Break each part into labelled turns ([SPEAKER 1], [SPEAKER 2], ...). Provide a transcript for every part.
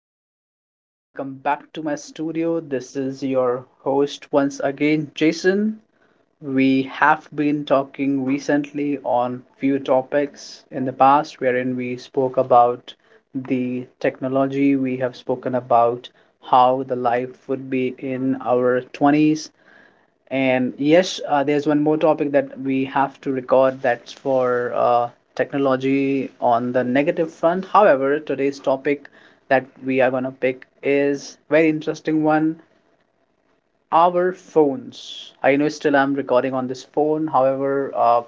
[SPEAKER 1] everybody, and welcome back to my studio. This is your host once again, Jason. We have been talking recently on few topics in the past wherein we spoke about the technology, we have spoken about how the life would be in our 20s. And yes, there's one more topic that we have to record, that's for technology on the negative front. However, today's topic that we are going to pick is very interesting one, our phones. I know still I'm recording on this phone. However,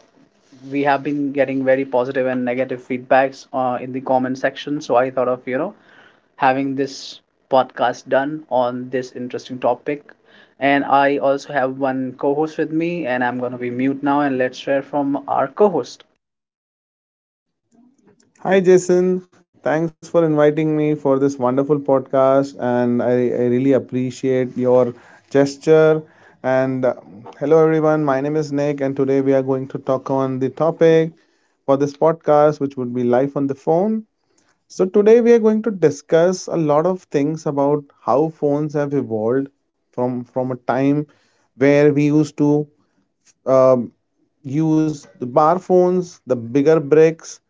[SPEAKER 1] we have been getting very positive and negative feedbacks in the comment section. So I thought of, having this podcast done on this interesting topic. And I also have one co host with me, and I'm going to be mute now and let's hear from our co host.
[SPEAKER 2] Hi, Jason. Thanks for inviting me for this wonderful podcast. And I really appreciate your gesture. And hello, everyone. My name is Nick. And today we are going to talk on the topic for this podcast, which would be life on the phone. So, today we are going to discuss a lot of things about how phones have evolved from a time where we used to um, use the bar phones, the bigger bricks,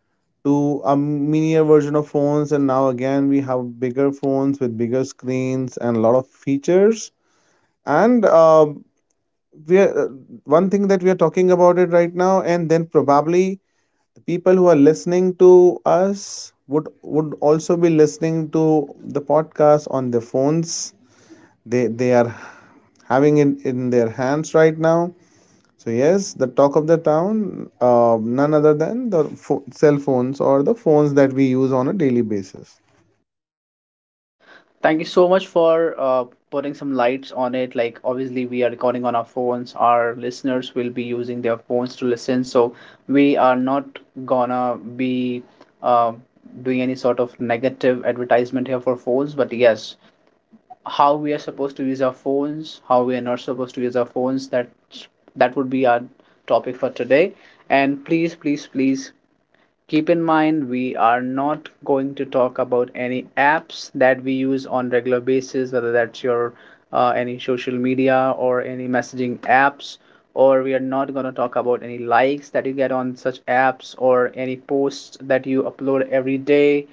[SPEAKER 2] to a miniature version of phones, and now again we have bigger phones with bigger screens and a lot of features. And um we are, uh, One thing that we are talking about it right now, and then probably the people who are listening to us would also be listening to the podcast on their phones. They are having it in their hands right now. So yes, the talk of the town, none other than the cell phones or the phones that we use on a daily basis.
[SPEAKER 1] Thank you so much for putting some lights on it. Like, obviously, we are recording on our phones. Our listeners will be using their phones to listen. So, we are not gonna be um doing any sort of negative advertisement here for phones. But yes, how we are supposed to use our phones, how we are not supposed to use our phones, that would be our topic for today. And please, please, please, keep in mind, we are not going to talk about any apps that we use on regular basis, whether that's your any social media or any messaging apps, or we are not going to talk about any likes that you get on such apps or any posts that you upload every day,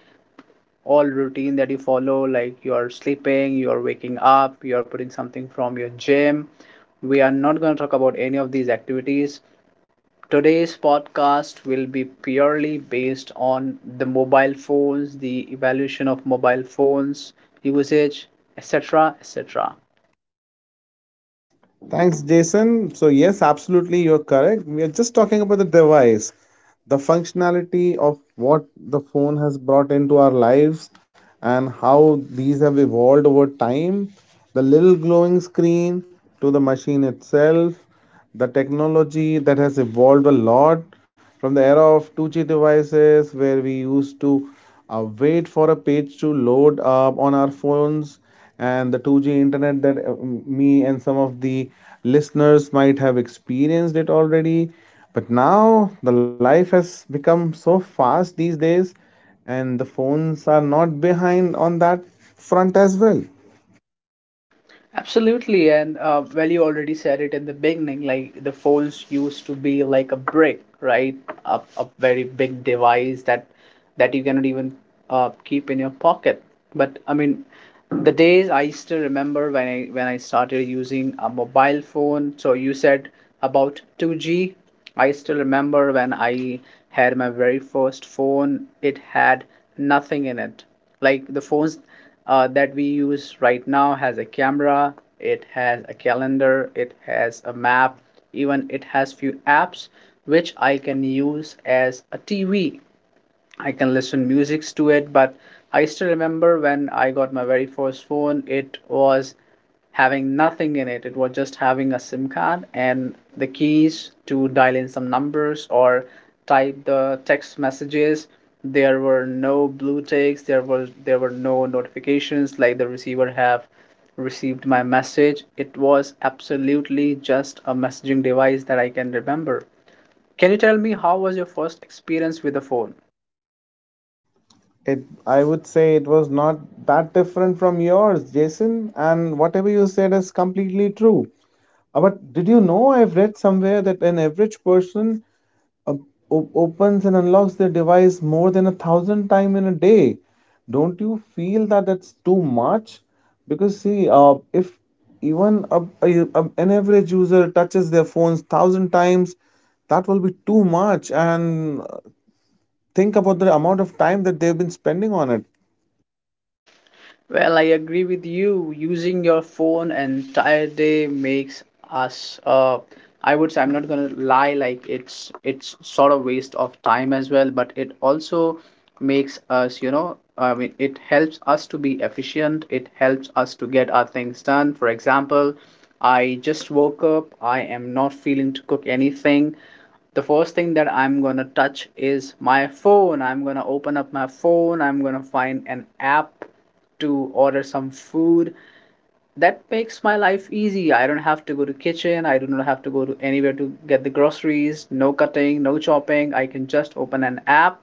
[SPEAKER 1] all routine that you follow, like you're sleeping, you're waking up, you're putting something from your gym. We are not going to talk about any of these activities. Today's podcast will be purely based on the mobile phones, the evolution of mobile phones, usage, etc. etc.
[SPEAKER 2] Thanks, Jason. So, yes, absolutely, you're correct. We are just talking about the device, the functionality of what the phone has brought into our lives and how these have evolved over time. The little glowing screen to the machine itself, the technology that has evolved a lot from the era of 2G devices where we used to wait for a page to load up on our phones, and the 2G internet that me and some of the listeners might have experienced it already. But now the life has become so fast these days, and the phones are not behind on that front as well.
[SPEAKER 1] Absolutely, and well, you already said it in the beginning. Like the phones used to be like a brick, right? A very big device that you cannot even keep in your pocket. But I mean, the days I still remember when I started using a mobile phone. So you said about 2G. I still remember when I had my very first phone. It had nothing in it. Like the phones that we use right now has a camera, it has a calendar, it has a map, even it has few apps which I can use as a TV. I can listen musics to it, but I still remember when I got my very first phone, it was having nothing in it. It was just having a SIM card and the keys to dial in some numbers or type the text messages. There were no blue ticks, there were no notifications like the receiver have received my message. It was absolutely just a messaging device that I can remember. Can you tell me how was your first experience with the phone?
[SPEAKER 2] It, I would say it was not that different from yours, Jason, and whatever you said is completely true. But did you know I've read somewhere that an average person op- op- opens and unlocks their device more than a thousand times in a day? Don't you feel that that's too much? Because see, if even a- an average user touches their phones thousand times, that will be too much. And think about the amount of time that they've been spending on it.
[SPEAKER 1] Well, I agree with you. Using your phone entire day makes us I would say I'm not gonna lie, like it's sort of waste of time as well, but it also makes us, you know, I mean it helps us to be efficient, it helps us to get our things done. For example, I just woke up, I am not feeling to cook anything, the first thing that I'm gonna touch is my phone. I'm gonna open up my phone. I'm gonna find an app to order some food. That makes my life easy. I don't have to go to kitchen. I do not have to go to anywhere to get the groceries. No cutting, no chopping. I can just open an app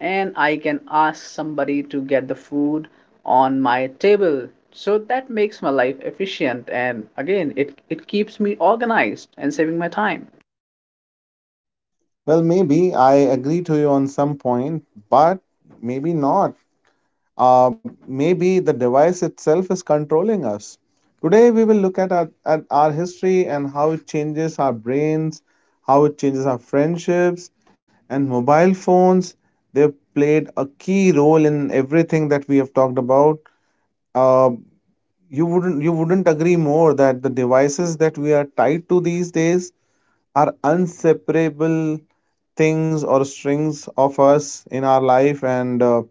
[SPEAKER 1] and I can ask somebody to get the food on my table. So that makes my life efficient and again it, it keeps me organized and saving my time.
[SPEAKER 2] Well, maybe I agree to you on some point, but maybe not. Uh, maybe the device itself is controlling us. Today, we will look at our history and how it changes our brains, how it changes our friendships, and mobile phones. They've played a key role in everything that we have talked about. Uh, you wouldn't agree more that the devices that we are tied to these days are inseparable things or strings of us in our life, and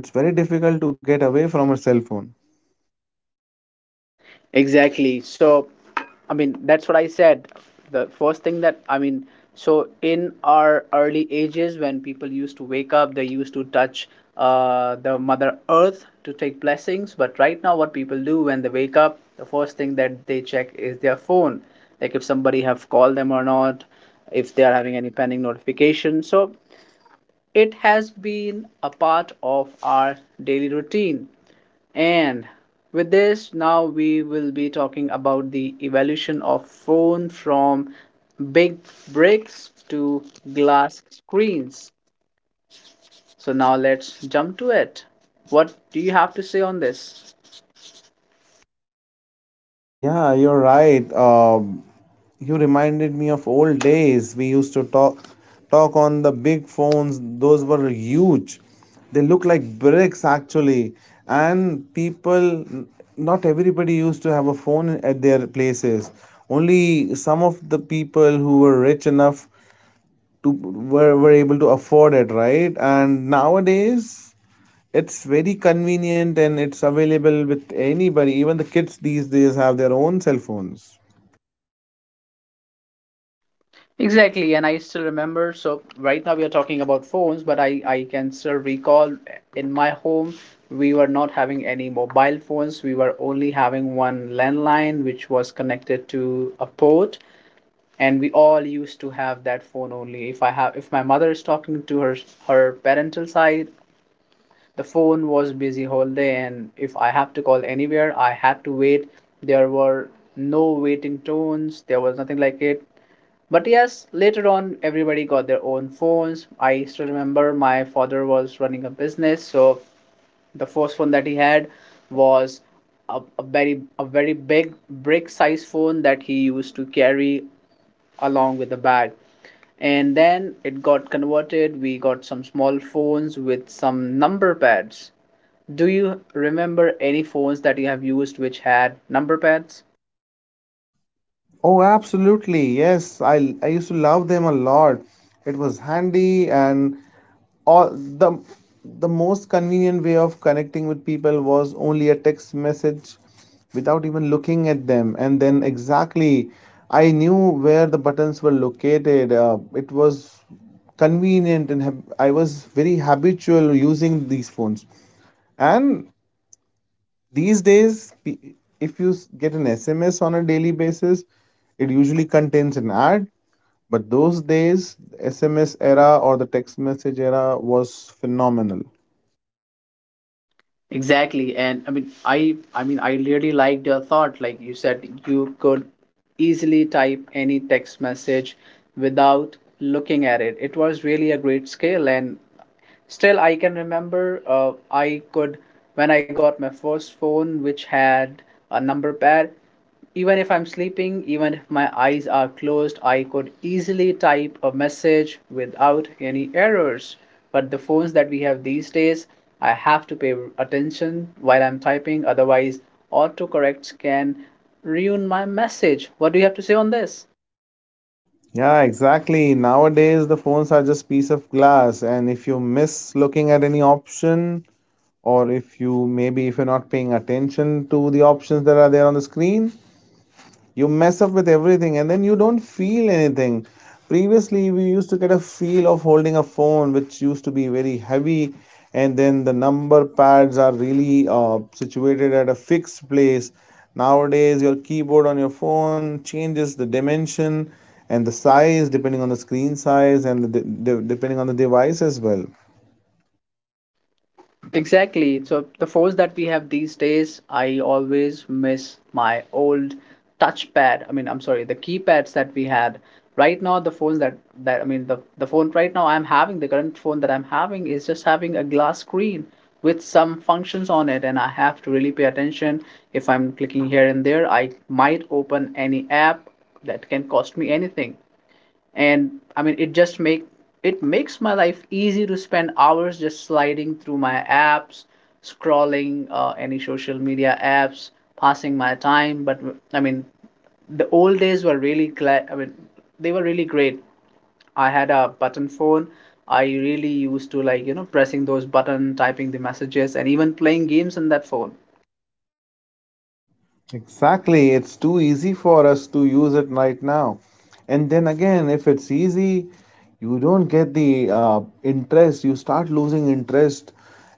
[SPEAKER 2] it's very difficult to get away from a cell phone.
[SPEAKER 1] Exactly. So, I mean, that's what I said. The first thing that, I mean, so in our early ages, when people used to wake up, they used to touch the Mother Earth to take blessings. But right now, what people do when they wake up, the first thing that they check is their phone, like if somebody have called them or not, if they are having any pending notification. So it has been a part of our daily routine. And with this, now we will be talking about the evolution of phone from big bricks to glass screens. So now let's jump to it. What do you have to say on this?
[SPEAKER 2] Yeah, you're right. You reminded me of old days. We used to talk on the big phones. Those were huge. They look like bricks actually. And people, not everybody used to have a phone at their places. Only some of the people who were rich enough to were able to afford it, right? And nowadays it's very convenient and it's available with anybody. Even the kids these days have their own cell phones.
[SPEAKER 1] Exactly, and I still remember. So right now we are talking about phones, but I can still recall eh, in my home we were not having any mobile phones. We were only having one landline which was connected to a port, and we all used to have that phone only. If I have, if my mother is talking to her parental side, the phone was busy whole day, and if I have to call anywhere, I had to wait. There were no waiting tones. There was nothing like it, but yes, later on, everybody got their own phones. I still remember my father was running a business, so the first phone that he had was a very big brick size phone that he used to carry along with the bag. And then it got converted. We got some small phones with some number pads. Do you remember any phones that you have used which had number pads?
[SPEAKER 2] Oh, absolutely. Yes, I used to love them a lot. It was handy, and all the most convenient way of connecting with people was only a text message without even looking at them, and then exactly I knew where the buttons were located. It was convenient, and I was very habitual using these phones. And these days, if you get an SMS on a daily basis, it usually contains an ad. But those days, the SMS era or the text message era was phenomenal.
[SPEAKER 1] Exactly, and I mean, I really liked your thought. Like you said, you could easily type any text message without looking at it. It was really a great skill, and still, I can remember I could, when I got my first phone, which had a number pad, even if I'm sleeping, even if my eyes are closed, I could easily type a message without any errors. But the phones that we have these days, I have to pay attention while I'm typing, otherwise, autocorrects can ruin my message. What do you have to say on this?
[SPEAKER 2] Yeah, exactly. Nowadays, the phones are just piece of glass, and if you miss looking at any option, or if you maybe if you're not paying attention to the options that are there on the screen, you mess up with everything and then you don't feel anything. Previously we used to get a feel of holding a phone which used to be very heavy, and then the number pads are really situated at a fixed place. Nowadays your keyboard on your phone changes the dimension and the size depending on the screen size, and the depending on the device as well.
[SPEAKER 1] Exactly. So the phones that we have these days, I always miss my old touchpad. I mean, I'm sorry, the keypads that we had. Right now, the phones that that I mean, the phone right now I'm having, the current phone that I'm having is just having a glass screen with some functions on it, and I have to really pay attention. If I'm clicking here and there, I might open any app that can cost me anything. And I mean it makes my life easy to spend hours just sliding through my apps, scrolling any social media apps, passing my time. But I mean, the old days were really glad, I mean, they were really great. I had a button phone. I really used to like, you know, pressing those button, typing the messages, and even playing games on that phone.
[SPEAKER 2] Exactly. It's too easy for us to use it right now. And then again, if it's easy, you don't get the interest. You start losing interest.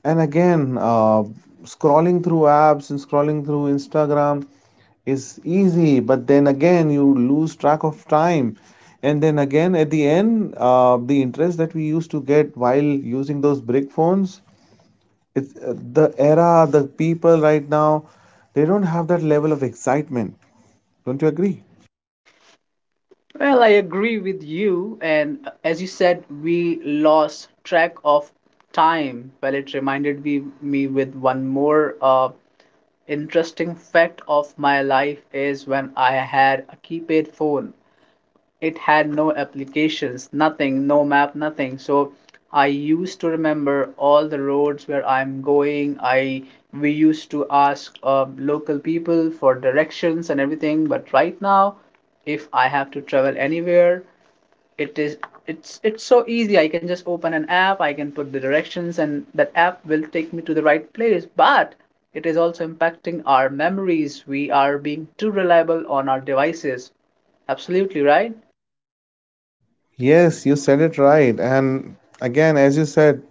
[SPEAKER 2] And again, scrolling through apps and scrolling through Instagram is easy. But then again, you lose track of time. And then again, at the end, the interest that we used to get while using those brick phones, it's the era, the people right now, they don't have that level of excitement. Don't you agree?
[SPEAKER 1] Well, I agree with you. And as you said, we lost track of time. Well, it reminded me with one more interesting fact of my life is when I had a keypad phone. It had no applications, nothing, no map, nothing. So I used to remember all the roads where I'm going. I we used to ask local people for directions and everything. But right now, if I have to travel anywhere, it is it's so easy, I can just open an app, I can put the directions and that app will take me to the right place. But it is also impacting our memories, we are being too reliable on our devices, absolutely right.
[SPEAKER 2] Yes, you said it right. And again, as you said,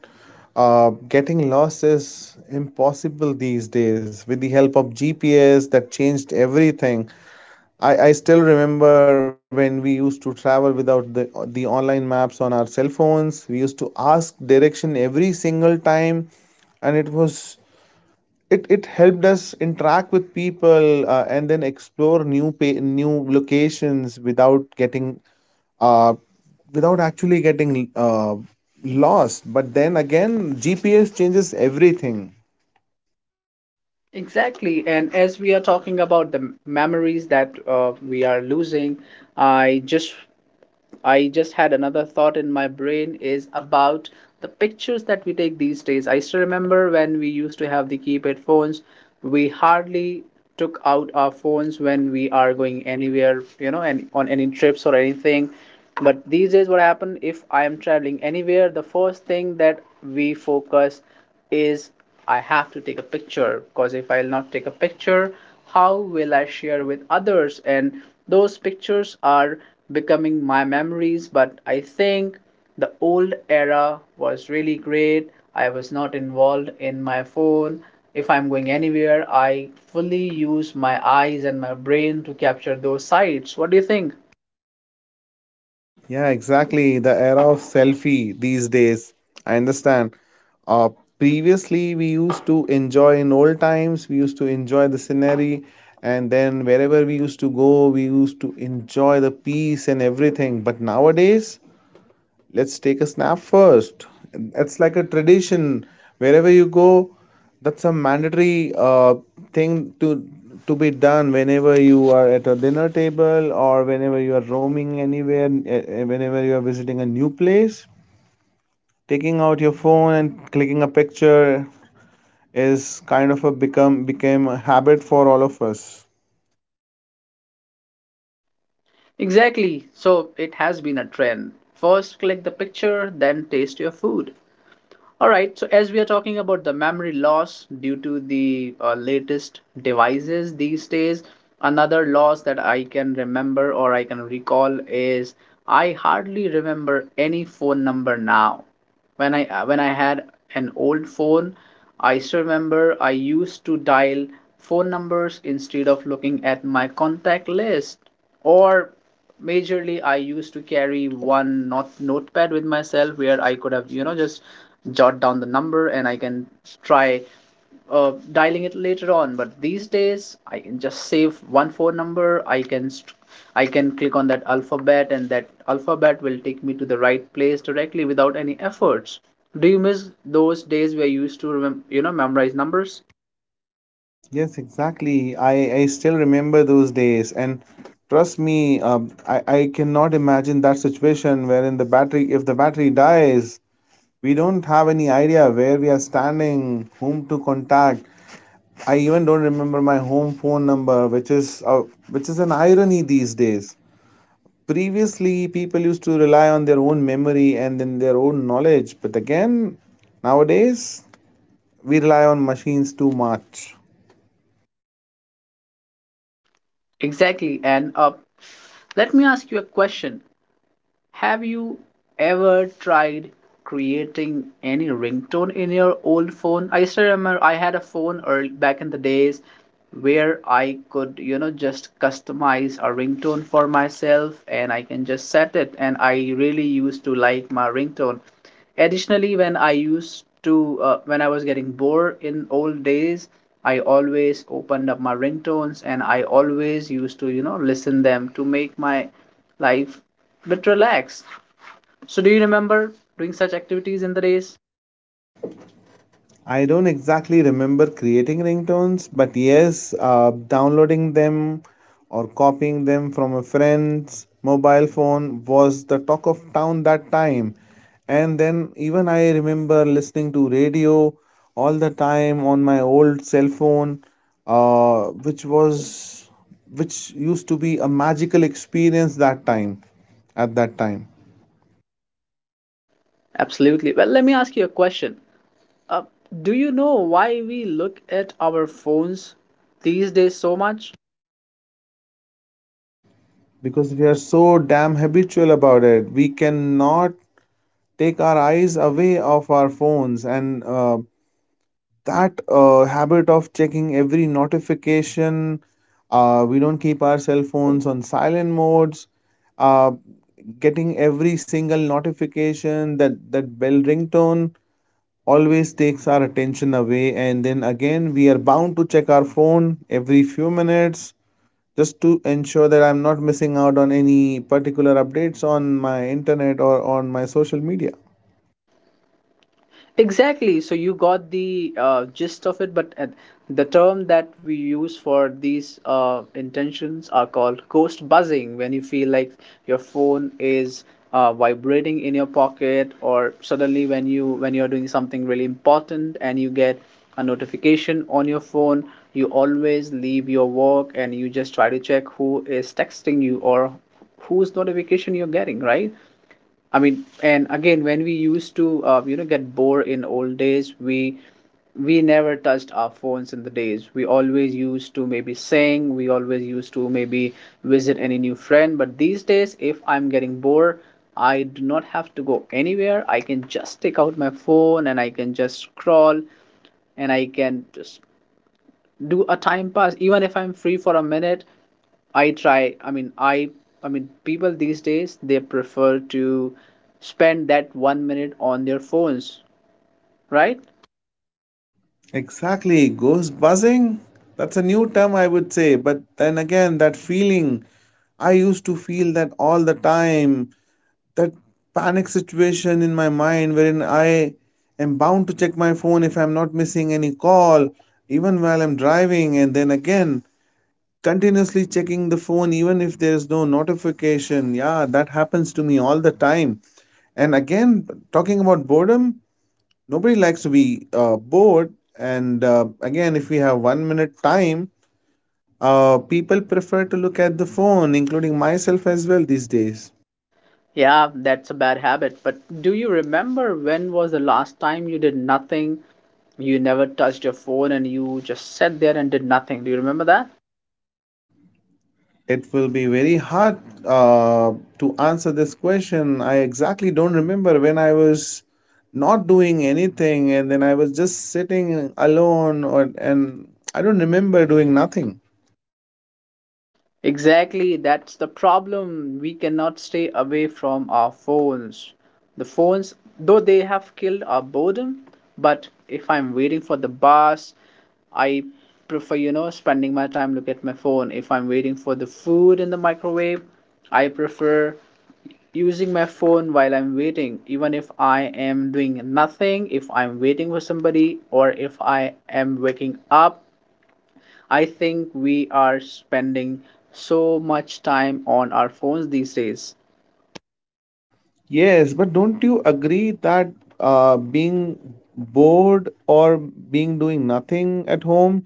[SPEAKER 2] getting lost is impossible these days with the help of GPS. That changed everything. I still remember when we used to travel without the online maps on our cell phones, we used to ask direction every single time. And it was, it helped us interact with people, and then explore new locations without getting uh without actually getting lost. But then again, GPS changes everything.
[SPEAKER 1] Exactly, and as we are talking about the memories that we are losing, i just I just had another thought in my brain is about the pictures that we take these days. I still remember when we used to have the keypad phones, we hardly took out our phones when we are going anywhere, you know, and on any trips or anything. But these days, what happened if I am traveling anywhere, the first thing that we focus is I have to take a picture because if I'll not take a picture, how will I share with others? And those pictures are becoming my memories. But I think the old era was really great. I was not involved in my phone. If I'm going anywhere, I fully use my eyes and my brain to capture those sights. What do you think?
[SPEAKER 2] Yeah, exactly, the era of selfie these days. I understand. Uh, previously we used to enjoy, in old times we used to enjoy the scenery, and then wherever we used to go we used to enjoy the peace and everything. But nowadays, let's take a snap first. It's like a tradition. Wherever you go, that's a mandatory thing to be done whenever you are at a dinner table, or whenever you are roaming anywhere, whenever you are visiting a new place. Taking out your phone and clicking a picture is kind of a become became a habit for all of us.
[SPEAKER 1] Exactly. So it has been a trend. First, click the picture, then taste your food. All right, so as we are talking about the memory loss due to the latest devices these days, another loss that I can remember or I can recall is I hardly remember any phone number now. When I had an old phone, I still remember I used to dial phone numbers instead of looking at my contact list, or majorly I used to carry one not notepad with myself where I could have, just jot down the number, and I can try dialing it later on. But these days I can just save one phone number, I can click on that alphabet and that alphabet will take me to the right place directly without any efforts. Do you miss those days where you used to memorize numbers?
[SPEAKER 2] Yes, exactly. I still remember those days. And trust me, I cannot imagine that situation wherein the battery, if the battery dies, we don't have any idea where we are standing, whom to contact. I even don't remember my home phone number, which is an irony these days. Previously, people used to rely on their own memory and then their own knowledge. But again, nowadays, we rely on machines too much.
[SPEAKER 1] Exactly. And let me ask you a question. Have you ever tried creating any ringtone in your old phone? I still remember I had a phone early, back in the days where I could, just customize a ringtone for myself and I can just set it. And I really used to like my ringtone. Additionally, when I was getting bored in old days, I always opened up my ringtones and I always used to, listen them to make my life a bit relaxed. So, do you remember doing such activities in the days?
[SPEAKER 2] I don't exactly remember creating ringtones, but yes, downloading them or copying them from a friend's mobile phone was the talk of town that time. And then even I remember listening to radio all the time on my old cell phone, uh, which was which used to be a magical experience that time at that time.
[SPEAKER 1] Absolutely. Well, let me ask you a question. Uh, do you know why we look at our phones these days so much?
[SPEAKER 2] Because we are so damn habitual about it. We cannot take our eyes away of our phones, and that habit of checking every notification, we don't keep our cell phones on silent modes. Uh, getting every single notification, that bell ringtone always takes our attention away, and then again we are bound to check our phone every few minutes just to ensure that I'm not missing out on any particular updates on my internet or on my social media.
[SPEAKER 1] Exactly. So you got the gist of it, but the term that we use for these intentions are called ghost buzzing. When you feel like your phone is vibrating in your pocket, or suddenly when you are doing something really important and you get a notification on your phone, you always leave your work and you just try to check who is texting you, or whose notification you're getting, right? I mean, and again, when we used to, get bored in old days, we never touched our phones in the days. We always used to maybe sing. We always used to maybe visit any new friend. But these days, if I'm getting bored, I do not have to go anywhere. I can just take out my phone and I can just scroll, and I can just do a time pass. Even if I'm free for a minute, I I mean, people these days, they prefer to spend that one minute on their phones, right?
[SPEAKER 2] Exactly. Ghost buzzing? That's a new term, I would say. But then again, that feeling, I used to feel that all the time. That panic situation in my mind wherein I am bound to check my phone if I'm not missing any call, even while I'm driving. And then again, continuously checking the phone, even if there is no notification. Yeah, that happens to me all the time. And again, talking about boredom, nobody likes to be bored. And again, if we have 1 minute time, people prefer to look at the phone, including myself as well these days.
[SPEAKER 1] Yeah, that's a bad habit. But do you remember when was the last time you did nothing, you never touched your phone and you just sat there and did nothing? Do you remember that?
[SPEAKER 2] It will be very hard uh, to answer this question. I exactly don't remember when I was not doing anything and then I was just sitting alone or and I don't remember doing nothing.
[SPEAKER 1] Exactly, that's the problem. We cannot stay away from our phones. The phones, though they have killed our boredom, but if I'm waiting for the bus, I prefer, spending my time look at my phone. If I'm waiting for the food in the microwave, I prefer using my phone while I'm waiting. Even if I am doing nothing, if I'm waiting for somebody, or if I am waking up, I think we are spending so much time on our phones these days.
[SPEAKER 2] Yes, but don't you agree that being bored or being doing nothing at home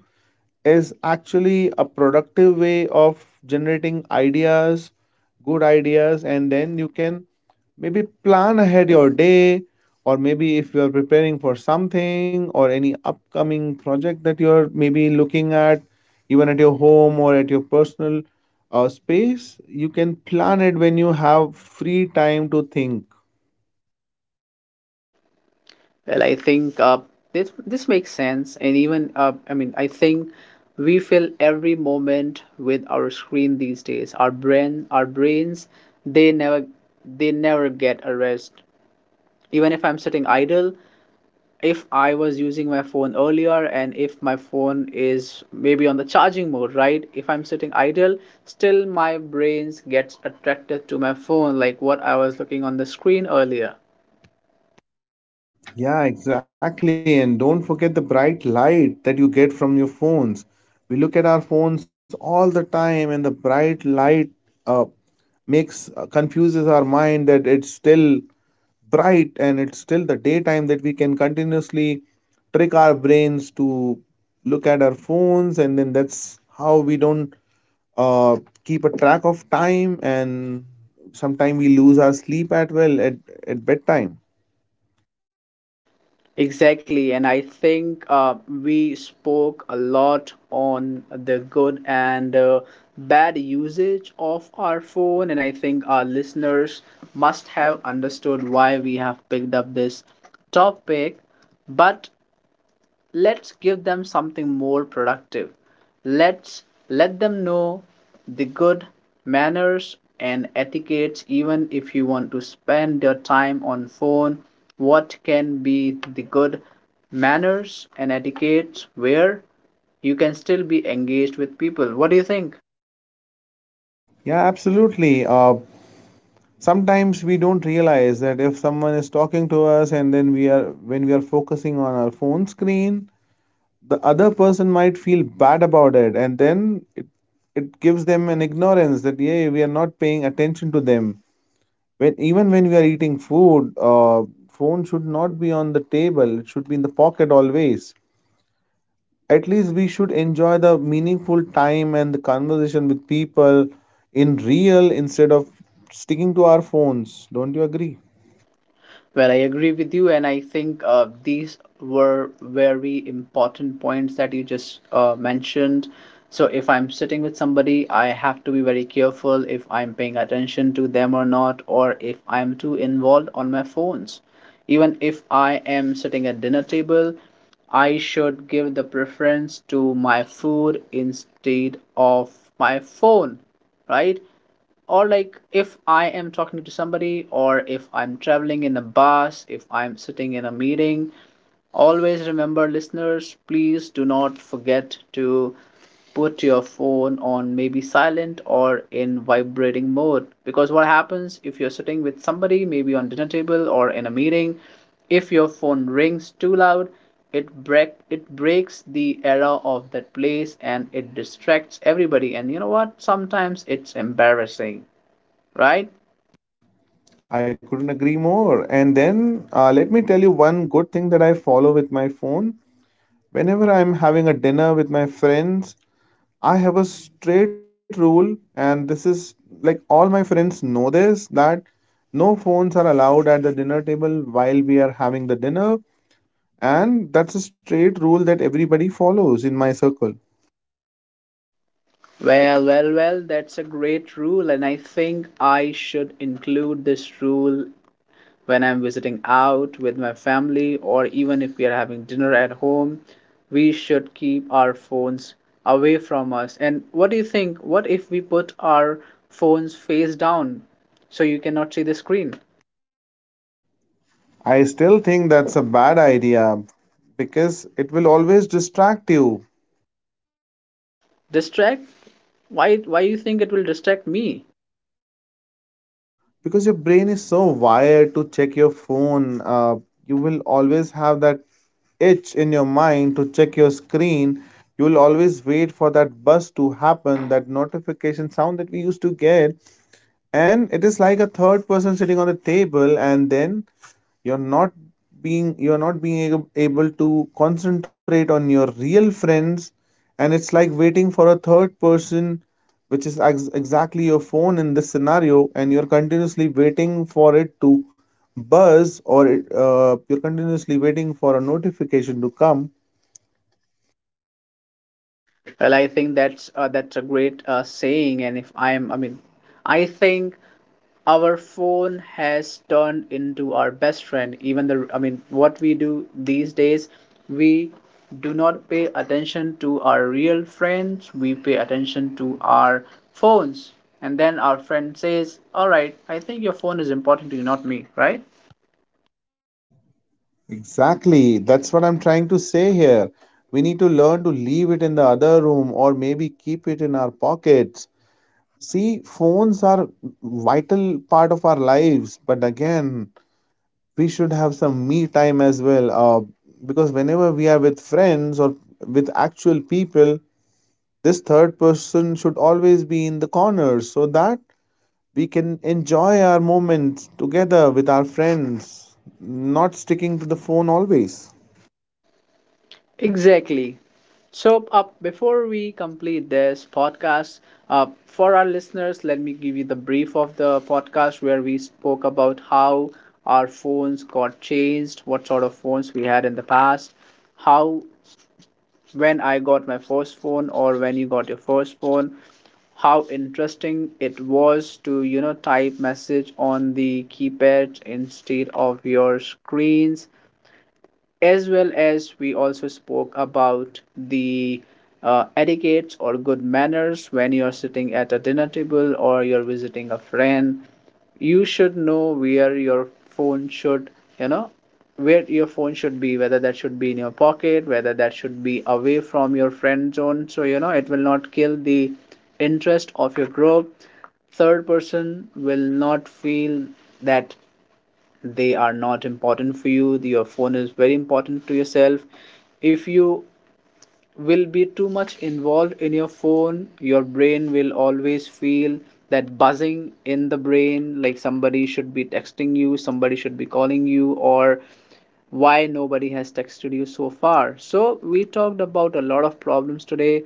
[SPEAKER 2] is actually a productive way of generating ideas, good ideas, and then you can maybe plan ahead your day, or maybe if you are preparing for something or any upcoming project that you're maybe looking at, even at your home or at your personal space, you can plan it when you have free time to think.
[SPEAKER 1] Well, I think this makes sense, and even I mean, I think we fill every moment with our screen these days. Our brains, they never they never get a rest. Even if I'm sitting idle, if I was using my phone earlier and if my phone is maybe on the charging mode, right? If I'm sitting idle, still my brains gets attracted to my phone, like what I was looking on the screen earlier.
[SPEAKER 2] Yeah, exactly. And don't forget the bright light that you get from your phones. We look at our phones all the time, and the bright light uh, makes confuses our mind that it's still bright and it's still the daytime that we can continuously trick our brains to look at our phones, and then that's how we don't uh, keep a track of time, and sometimes we lose our sleep at well, at bedtime.
[SPEAKER 1] Exactly, and I think we spoke a lot on the good and bad usage of our phone, and I think our listeners must have understood why we have picked up this topic. But let's give them something more productive. Let's let them know the good manners and etiquettes. Even if you want to spend your time on phone, what can be the good manners and etiquettes where you can still be engaged with people? What do you think?
[SPEAKER 2] Yeah, absolutely. Sometimes we don't realize that if someone is talking to us and then we are when we are focusing on our phone screen, the other person might feel bad about it, and then it gives them an ignorance that yeah, we are not paying attention to them. When even when we are eating food, phone should not be on the table, it should be in the pocket always. At least we should enjoy the meaningful time and the conversation with people in real, instead of sticking to our phones. Don't you agree?
[SPEAKER 1] Well, I agree with you, and I think these were very important points that you just mentioned. So, if I'm sitting with somebody, I have to be very careful if I'm paying attention to them or not, or if I'm too involved on my phones. Even if I am sitting at dinner table, I should give the preference to my food instead of my phone, right? Or like if I am talking to somebody, or if I'm traveling in a bus, if I'm sitting in a meeting, always remember, listeners, please do not forget to put your phone on maybe silent or in vibrating mode. Because what happens if you're sitting with somebody maybe on dinner table or in a meeting, if your phone rings too loud, it breaks the era of that place and it distracts everybody, and you know what, sometimes it's embarrassing. Right?
[SPEAKER 2] I couldn't agree more. And then let me tell you one good thing that I follow with my phone. Whenever I'm having a dinner with my friends, I have a straight rule, and this is like all my friends know this, that no phones are allowed at the dinner table while we are having the dinner. And that's a straight rule that everybody follows in my circle.
[SPEAKER 1] Well, well, well, that's a great rule, and I think I should include this rule when I'm visiting out with my family, or even if we are having dinner at home. We should keep our phones away from us. And what do you think? What if we put our phones face down so you cannot see the screen?
[SPEAKER 2] I still think that's a bad idea because it will always distract you.
[SPEAKER 1] Distract? Why you think it will distract me?
[SPEAKER 2] Because your brain is so wired to check your phone, you will always have that itch in your mind to check your screen. You will always wait for that buzz to happen, that notification sound that we used to get. And it is like a third person sitting on the table, and then you're not you're not being able to concentrate on your real friends. And it's like waiting for a third person, which is exactly your phone in this scenario, and you're continuously waiting for it to buzz. You're continuously waiting for a notification to come.
[SPEAKER 1] Well, I think that's a great saying, and if I'm, I mean, I think our phone has turned into our best friend. Even the I mean what we do these days, we do not pay attention to our real friends, we pay attention to our phones, and then our friend says, all right, I think your phone is important to you, not me, right?
[SPEAKER 2] Exactly. That's what I'm trying to say here. We need to learn to leave it in the other room or maybe keep it in our pockets. See, phones are vital part of our lives, but again, we should have some me time as well. Because whenever we are with friends or with actual people, this third person should always be in the corner so that we can enjoy our moments together with our friends, not sticking to the phone always.
[SPEAKER 1] Exactly. So, before we complete this podcast, for our listeners, let me give you the brief of the podcast, where we spoke about how our phones got changed, what sort of phones we had in the past, how when I got my first phone or when you got your first phone, how interesting it was to, type message on the keypad instead of your screens. As well as we also spoke about the etiquettes or good manners when you're sitting at a dinner table or you're visiting a friend. You should know where your phone should, you know where your phone should be, whether that should be in your pocket, whether that should be away from your friend zone, so you know it will not kill the interest of your group. Third person will not feel that they are not important for you, your phone is very important to yourself. If you will be too much involved in your phone, your brain will always feel that buzzing in the brain, like somebody should be texting you, somebody should be calling you, or why nobody has texted you so far. So we talked about a lot of problems today.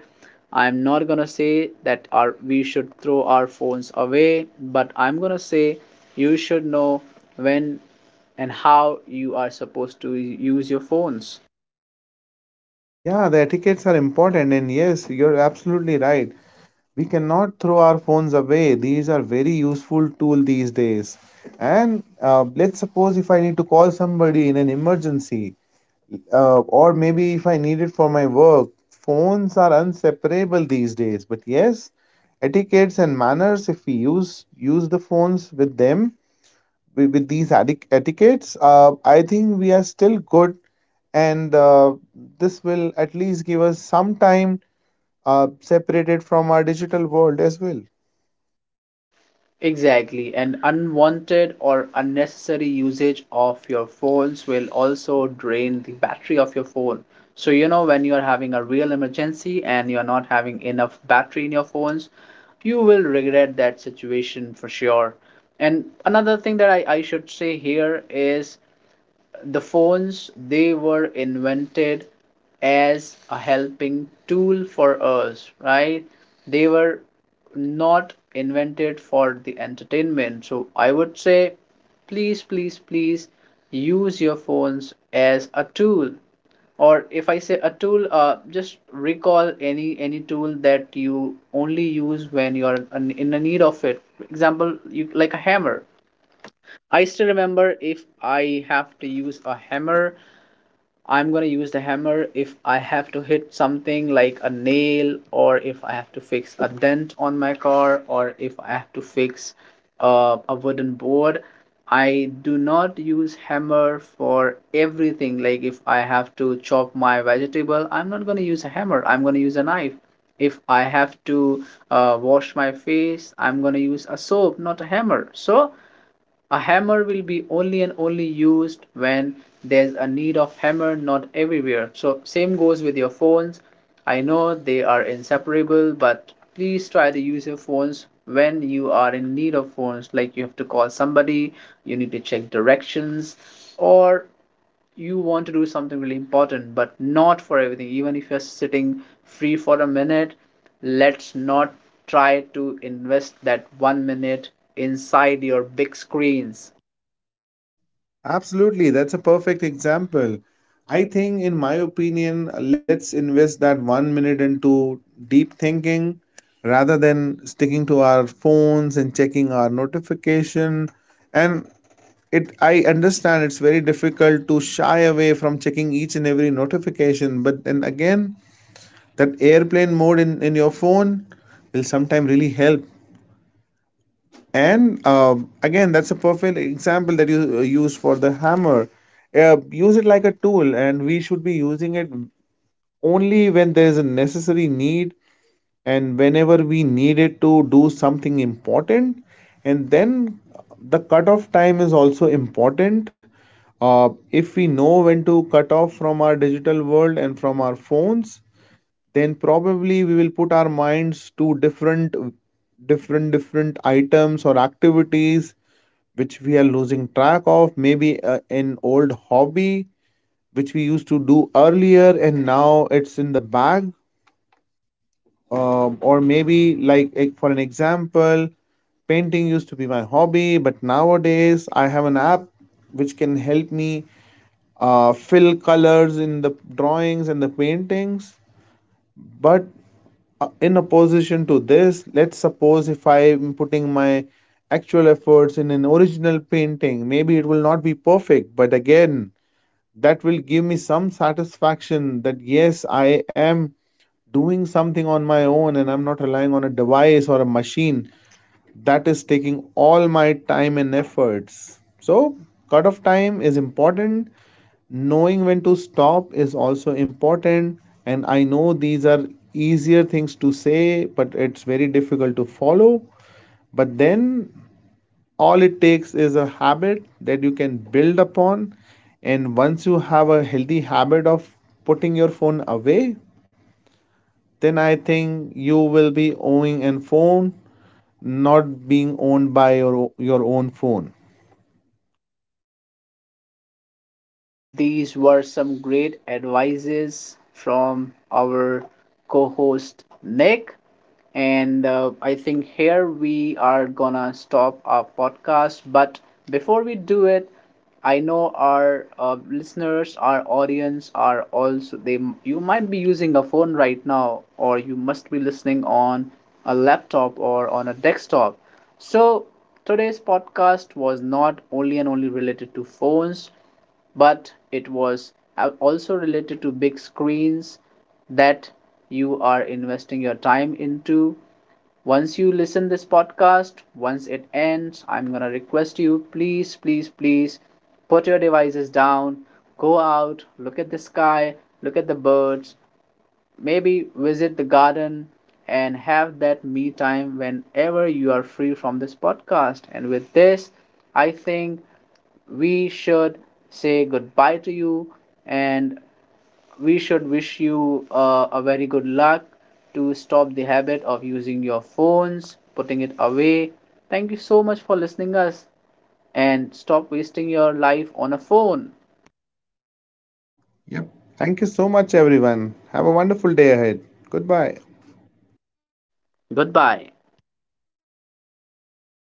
[SPEAKER 1] I'm not gonna say that our we should throw our phones away, but I'm gonna say you should know when and how you are supposed to use your phones.
[SPEAKER 2] Yeah, the etiquettes are important, and yes, you're absolutely right. We cannot throw our phones away. These are very useful tool these days. And let's suppose if I need to call somebody in an emergency, or maybe if I need it for my work, phones are inseparable these days. But yes, etiquettes and manners, if we use the phones with them, with these etiquettes, I think we are still good, and this will at least give us some time separated from our digital world as well.
[SPEAKER 1] Exactly. And unwanted or unnecessary usage of your phones will also drain the battery of your phone. So, you know, when you are having a real emergency and you're not having enough battery in your phones, you will regret that situation for sure. And another thing that I should say here is the phones, they were invented as a helping tool for us, right? They were not invented for the entertainment. So I would say, please please please use your phones as a tool. Or if I say a tool, just recall any tool that you only use when you are in a need of it. For example, you like a hammer. I still remember if I have to use a hammer, I'm gonna use the hammer. If I have to hit something like a nail, or if I have to fix a dent on my car, or if I have to fix a wooden board, I do not use hammer for everything. Like if I have to chop my vegetable, I'm not gonna use a hammer. I'm gonna use a knife. If I have to wash my face, I'm gonna use a soap, not a hammer. So a hammer will be only and only used when there's a need of hammer, not everywhere. So same goes with your phones. I know they are inseparable, but please try to use your phones when you are in need of phones. Like you have to call somebody, you need to check directions, or you want to do something really important, but not for everything. Even if you're sitting free for a minute, let's not try to invest that one minute inside your big screens.
[SPEAKER 2] Absolutely, that's a perfect example. I think, in my opinion, let's invest that one minute into deep thinking rather than sticking to our phones and checking our notification. And it, I understand it's very difficult to shy away from checking each and every notification, but then again, that airplane mode in your phone will sometime really help. And again, that's a perfect example that you use for the hammer. Use it like a tool, and we should be using it only when there is a necessary need, and whenever we needed to do something important. And then the cutoff time is also important. If we know when to cut off from our digital world and from our phones, then probably we will put our minds to different items or activities which we are losing track of. Maybe an old hobby which we used to do earlier, and now it's in the bag. Or maybe, like, for an example, painting used to be my hobby, but nowadays I have an app which can help me fill colors in the drawings and the paintings. But in opposition to this, let's suppose if I am putting my actual efforts in an original painting, maybe it will not be perfect, but again, that will give me some satisfaction that yes, I am doing something on my own, and I'm not relying on a device or a machine that is taking all my time and efforts. So, cut off time is important, knowing when to stop is also important. And I know these are easier things to say, but it's very difficult to follow. But then all it takes is a habit that you can build upon, and once you have a healthy habit of putting your phone away, then I think you will be owning a phone, not being owned by your own phone.
[SPEAKER 1] Well, these were some great advices from our co host Nick. And I think here we are gonna stop our podcast. But before we do it, I know our listeners, our audience are also they. You might be using a phone right now, or you must be listening on a laptop or on a desktop. So today's podcast was not only and only related to phones, but it was also related to big screens that you are investing your time into. Once you listen this podcast, once it ends, I'm gonna request you, please please please put your devices down, go out, look at the sky, look at the birds, maybe visit the garden, and have that me time whenever you are free from this podcast. And with this, I think we should say goodbye to you, and we should wish you a very good luck to stop the habit of using your phones, putting it away. Thank you so much for listening us, and stop wasting your life on a phone.
[SPEAKER 2] Yep. Thank you so much, everyone. Have a wonderful day ahead. Goodbye.
[SPEAKER 1] Goodbye.